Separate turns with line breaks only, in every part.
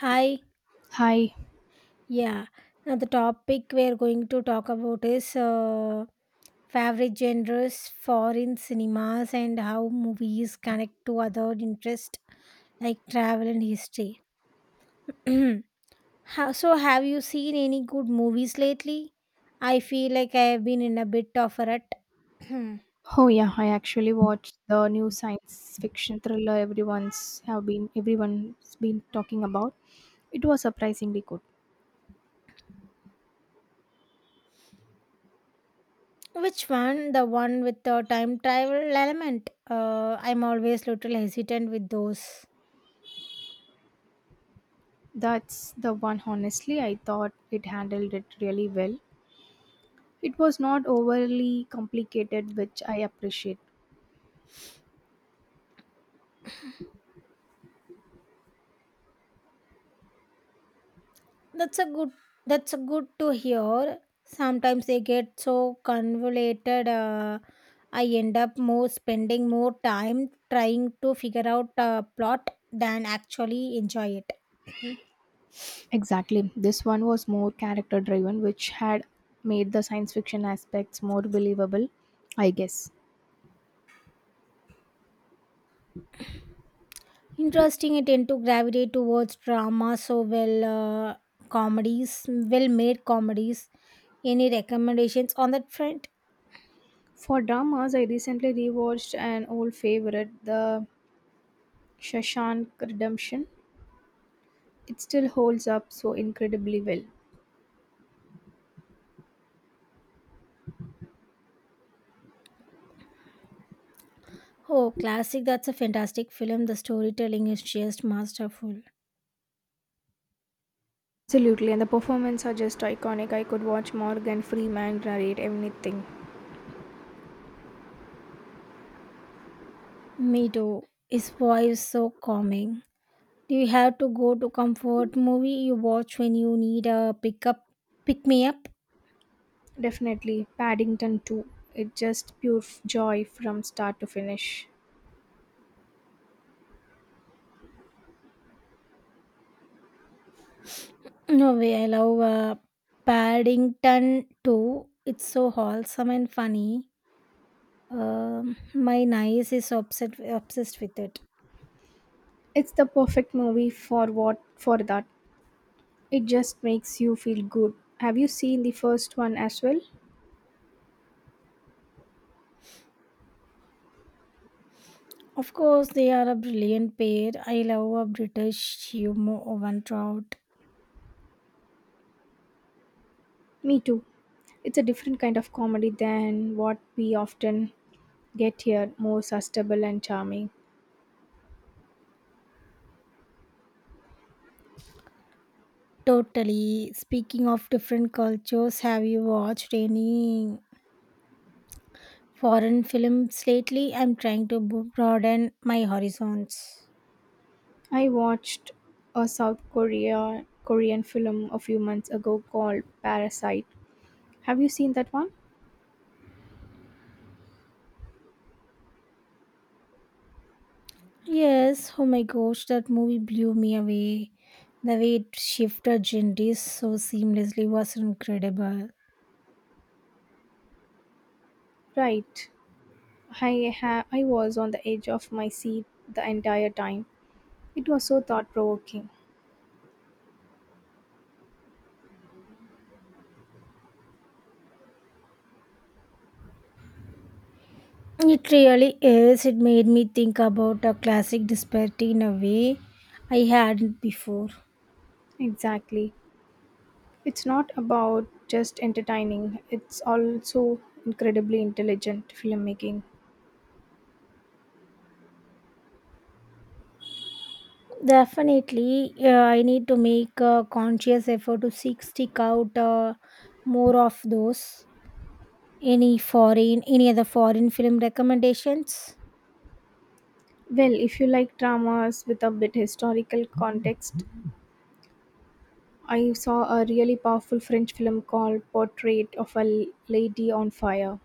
Hi,
Hi.
yeah. Now the topic we're going to talk about is favorite genres, foreign cinemas, and how movies connect to other interests like travel and history. So, have you seen any good movies lately? I feel like I have been in a bit of a rut. Hmm.
Oh yeah, I actually watched the new science fiction thriller everyone's been talking about. It was surprisingly good.
Which one? The one with the time travel element. I'm always little hesitant with those.
That's the one, honestly. I thought it handled it really well. It was not overly complicated, which I appreciate.
That's a good that's a good to hear. Sometimes they get so convoluted I end up more spending more time trying to figure out a plot than actually enjoy it. Mhm.
Exactly. This one was more character driven, which had made the science fiction aspects more believable, I guess.
Interesting, I tend to gravitate towards drama so comedies, well made comedies. Any recommendations on that front?
For dramas, I recently rewatched an old favorite, The Shawshank Redemption. It still holds up so incredibly well.
Oh, classic, that's a fantastic film. The storytelling is just masterful.
Absolutely, and the performances are just iconic. I could watch Morgan Freeman narrate anything.
Me too. His voice so calming. Do you have to go to comfort movie you watch when you need a pick me up?
Definitely, Paddington too. It's just pure joy from start to finish.
No way, I love Paddington too. It's so wholesome and funny. My niece is obsessed with it.
It's the perfect movie for that. It just makes you feel good. Have you seen the first one as well?
Of course, they are a brilliant pair. I love a British humor Owen Trout.
Me too. It's a different kind of comedy than what we often get here, more sustainable and charming.
Totally. Speaking of different cultures, have you watched any foreign films lately? I'm trying to broaden my horizons.
I watched a South Korean film a few months ago called Parasite. Have you seen that one?
Yes, oh my gosh, that movie blew me away. The way it shifted genres so seamlessly was incredible.
Right. I was on the edge of my seat the entire time. It was so thought provoking.
It really is. It made me think about a classic disparity in a way I hadn't before.
Exactly. It's not about just entertaining. It's also incredibly intelligent filmmaking.
Definitely, I need to make a conscious effort to seek stick out more of those. Any other foreign film recommendations?
Well, if you like dramas with a bit historical context, I saw a really powerful French film called Portrait of a Lady on Fire.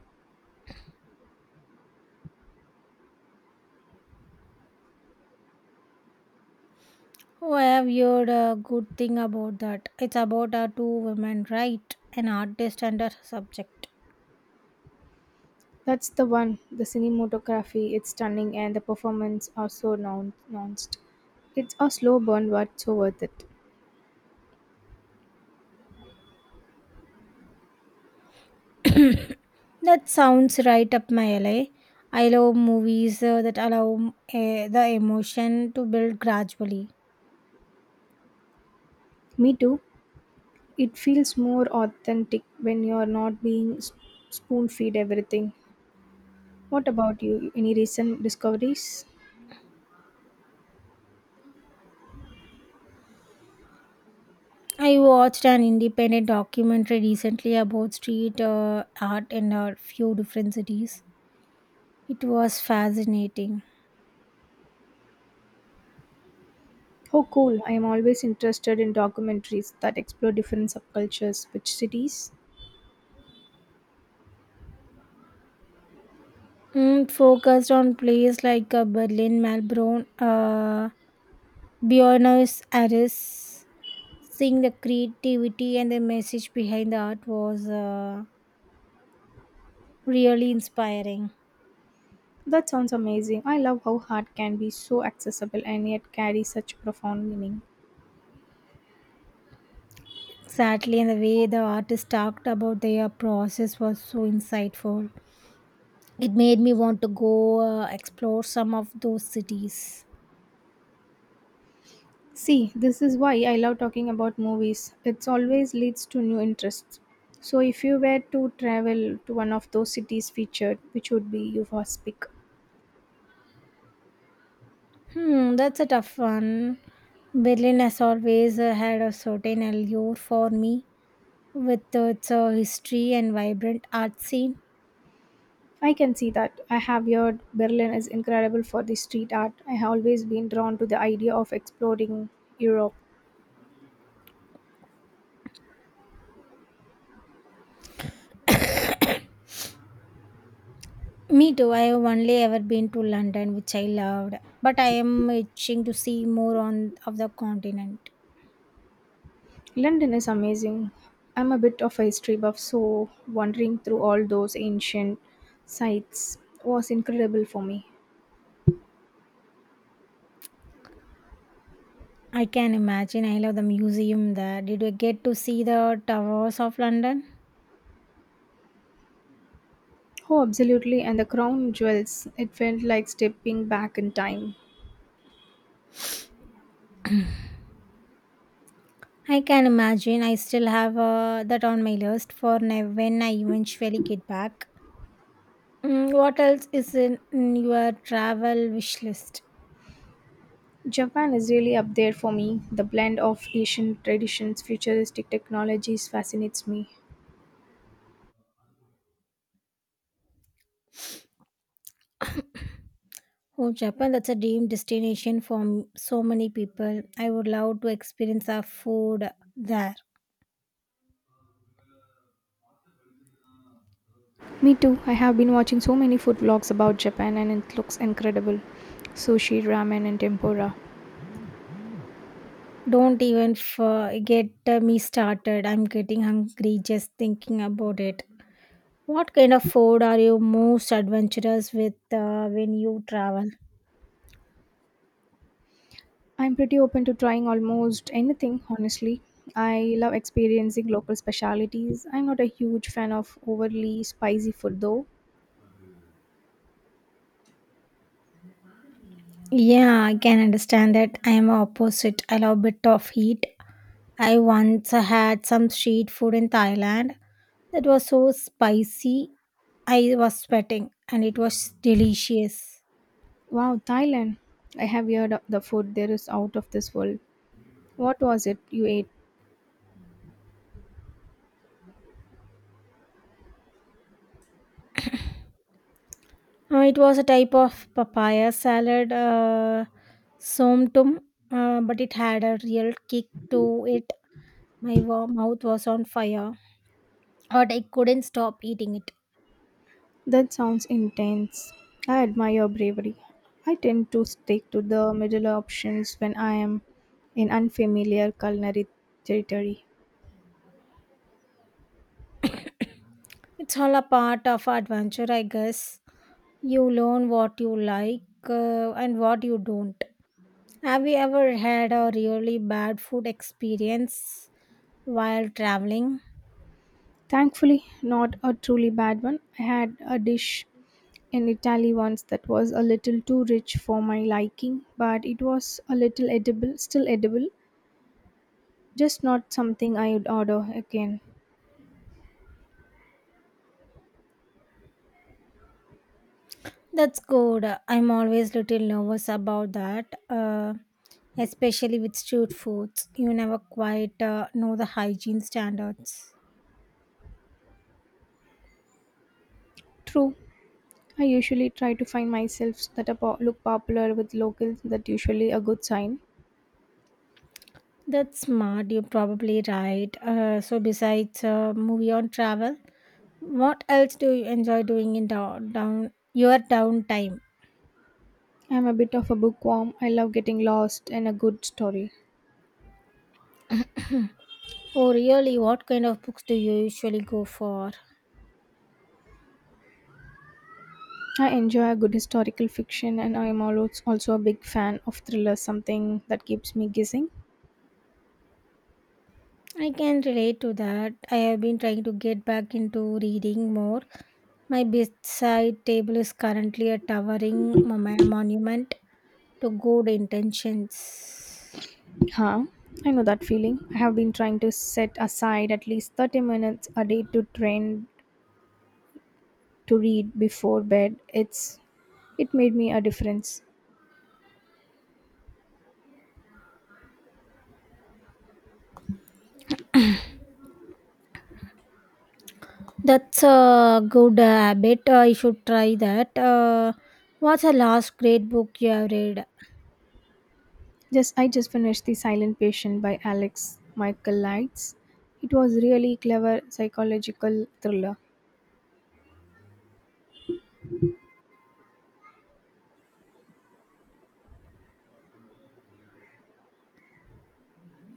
Oh, I have heard a good thing about that. It's about our two women, right? An artist and a subject.
That's the one. The cinematography its stunning and the performance are so nuanced. It's a slow burn but so worth it.
That sounds right up my alley. I love movies that allow the emotion to build gradually.
Me too. It feels more authentic when you're not being spoon fed everything. What about you? Any recent discoveries?
I watched an independent documentary recently about street art in a few different cities. It was fascinating.
Oh, cool. I am always interested in documentaries that explore different subcultures. Which cities?
Mm, focused on places like Berlin, Melbourne, Buenos Aires. Seeing the creativity and the message behind the art was really inspiring.
That sounds amazing. I love how art can be so accessible and yet carry such profound meaning.
Sadly, and the way the artist talked about their process was so insightful. It made me want to go explore some of those cities.
See, this is why I love talking about movies. It always leads to new interests. So, if you were to travel to one of those cities featured, which would be your first pick?
Hmm, that's a tough one. Berlin has always had a certain allure for me with its history and vibrant art scene.
I can see that. I have heard Berlin is incredible for the street art. I have always been drawn to the idea of exploring Europe.
Me too. I have only ever been to London, which I loved, but I am itching to see more on of the continent.
London is amazing. I'm a bit of a history buff, so wandering through all those ancient sites was incredible for me.
I can imagine. I love the museum there. Did you get to see the towers of London?
Oh, absolutely, and the crown jewels, it felt like stepping back in time.
I can imagine. I still have that on my list for when I eventually get back. Mm, what else is in your travel wish list?
Japan is really up there for me. The blend of Asian traditions, futuristic technologies fascinates me.
Oh, Japan, that's a dream destination for so many people. I would love to experience the food there.
Me too. I have been watching so many food vlogs about Japan and it looks incredible. Sushi, ramen, and tempura.
Don't even get me started. I'm getting hungry just thinking about it. What kind of food are you most adventurous with when you travel?
I'm pretty open to trying almost anything, honestly. I love experiencing local specialities. I'm not a huge fan of overly spicy food though.
Yeah, I can understand that. I am opposite. I love bit of heat. I once had some street food in Thailand that was so spicy. I was sweating and it was delicious.
Wow, Thailand. I have heard of the food there is out of this world. What was it you ate?
It was a type of papaya salad, somtum, but it had a real kick to it. My mouth was on fire, but I couldn't stop eating it.
That sounds intense. I admire your bravery. I tend to stick to the middle options when I am in unfamiliar culinary territory.
It's all a part of adventure, I guess. You learn what you like and what you don't. Have you ever had a really bad food experience while traveling?
Thankfully, not a truly bad one. I had a dish in Italy once that was a little too rich for my liking, but it was a little edible, still edible, just not something I would order again.
That's good. I'm always little nervous about that, especially with street foods. You never quite know the hygiene standards.
True, I usually try to find myself that are look popular with locals, that usually a good sign.
That's smart. You're probably right. So, besides movie on travel, what else do you enjoy doing in down, down your downtime?
I'm a bit of a bookworm. I love getting lost in a good story.
Oh, really? What kind of books do you usually go for?
I enjoy a good historical fiction and I am always also a big fan of thrillers, something that keeps me guessing.
I can relate to that. I have been trying to get back into reading more. My bedside table is currently a towering monument to good intentions.
Huh? I know that feeling. I have been trying to set aside at least 30 minutes a day to train to read before bed. It made me a difference.
That's a good habit. I should try that. What's the last great book you have read?
Just I just finished The Silent Patient by Alex Michael Lights. It was really clever psychological thriller.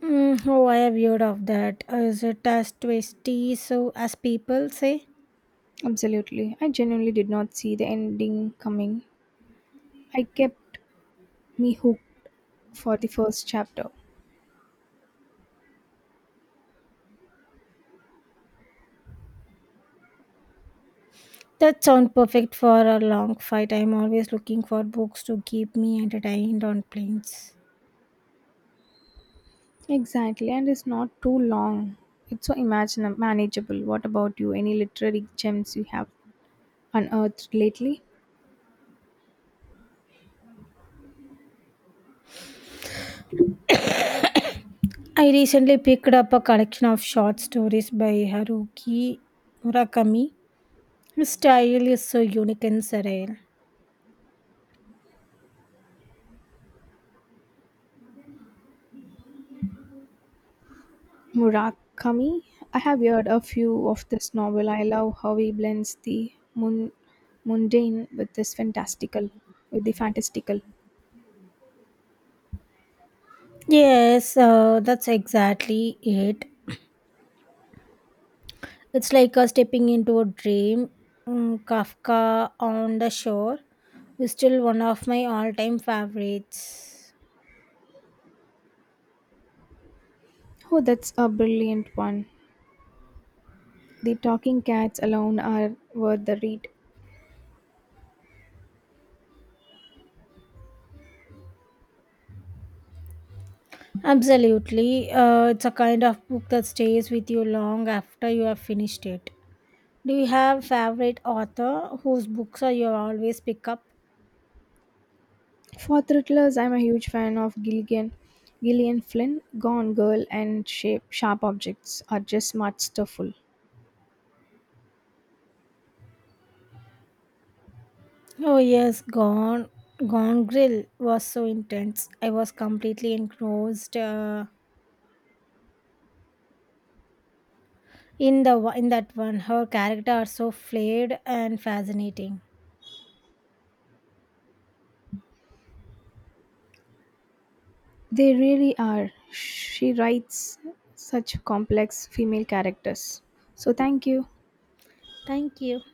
Mm, oh, I have heard of that. Is it as twisty so as people say?
Absolutely. I genuinely did not see the ending coming. I kept me hooked for the first chapter.
That sounds perfect for a long fight. I'm always looking for books to keep me entertained on planes.
Exactly, and it's not too long. It's so imagine manageable. What about you? Any literary gems you have unearthed lately?
I recently picked up a collection of short stories by Haruki Murakami. His style is so unique and surreal.
Murakami. I have read a few of this novel. I love how he blends the mundane with the fantastical.
Yes, that's exactly it. It's like a stepping into a dream. Mm, Kafka on the shore is still one of my all-time favorites.
Oh, that's a brilliant one. The talking cats alone are worth the read.
Absolutely. It's a kind of book that stays with you long after you have finished it. Do you have favorite author whose books are you always pick up?
For thrillers, I'm a huge fan of Gilligan. Gillian Flynn. Gone Girl and Sharp Objects are just smart stufful.
Oh yes, Gone Grill was so intense. I was completely engrossed in the in that one. Her character are so flared and fascinating.
They really are. She writes such complex female characters. So, thank you.
Thank you.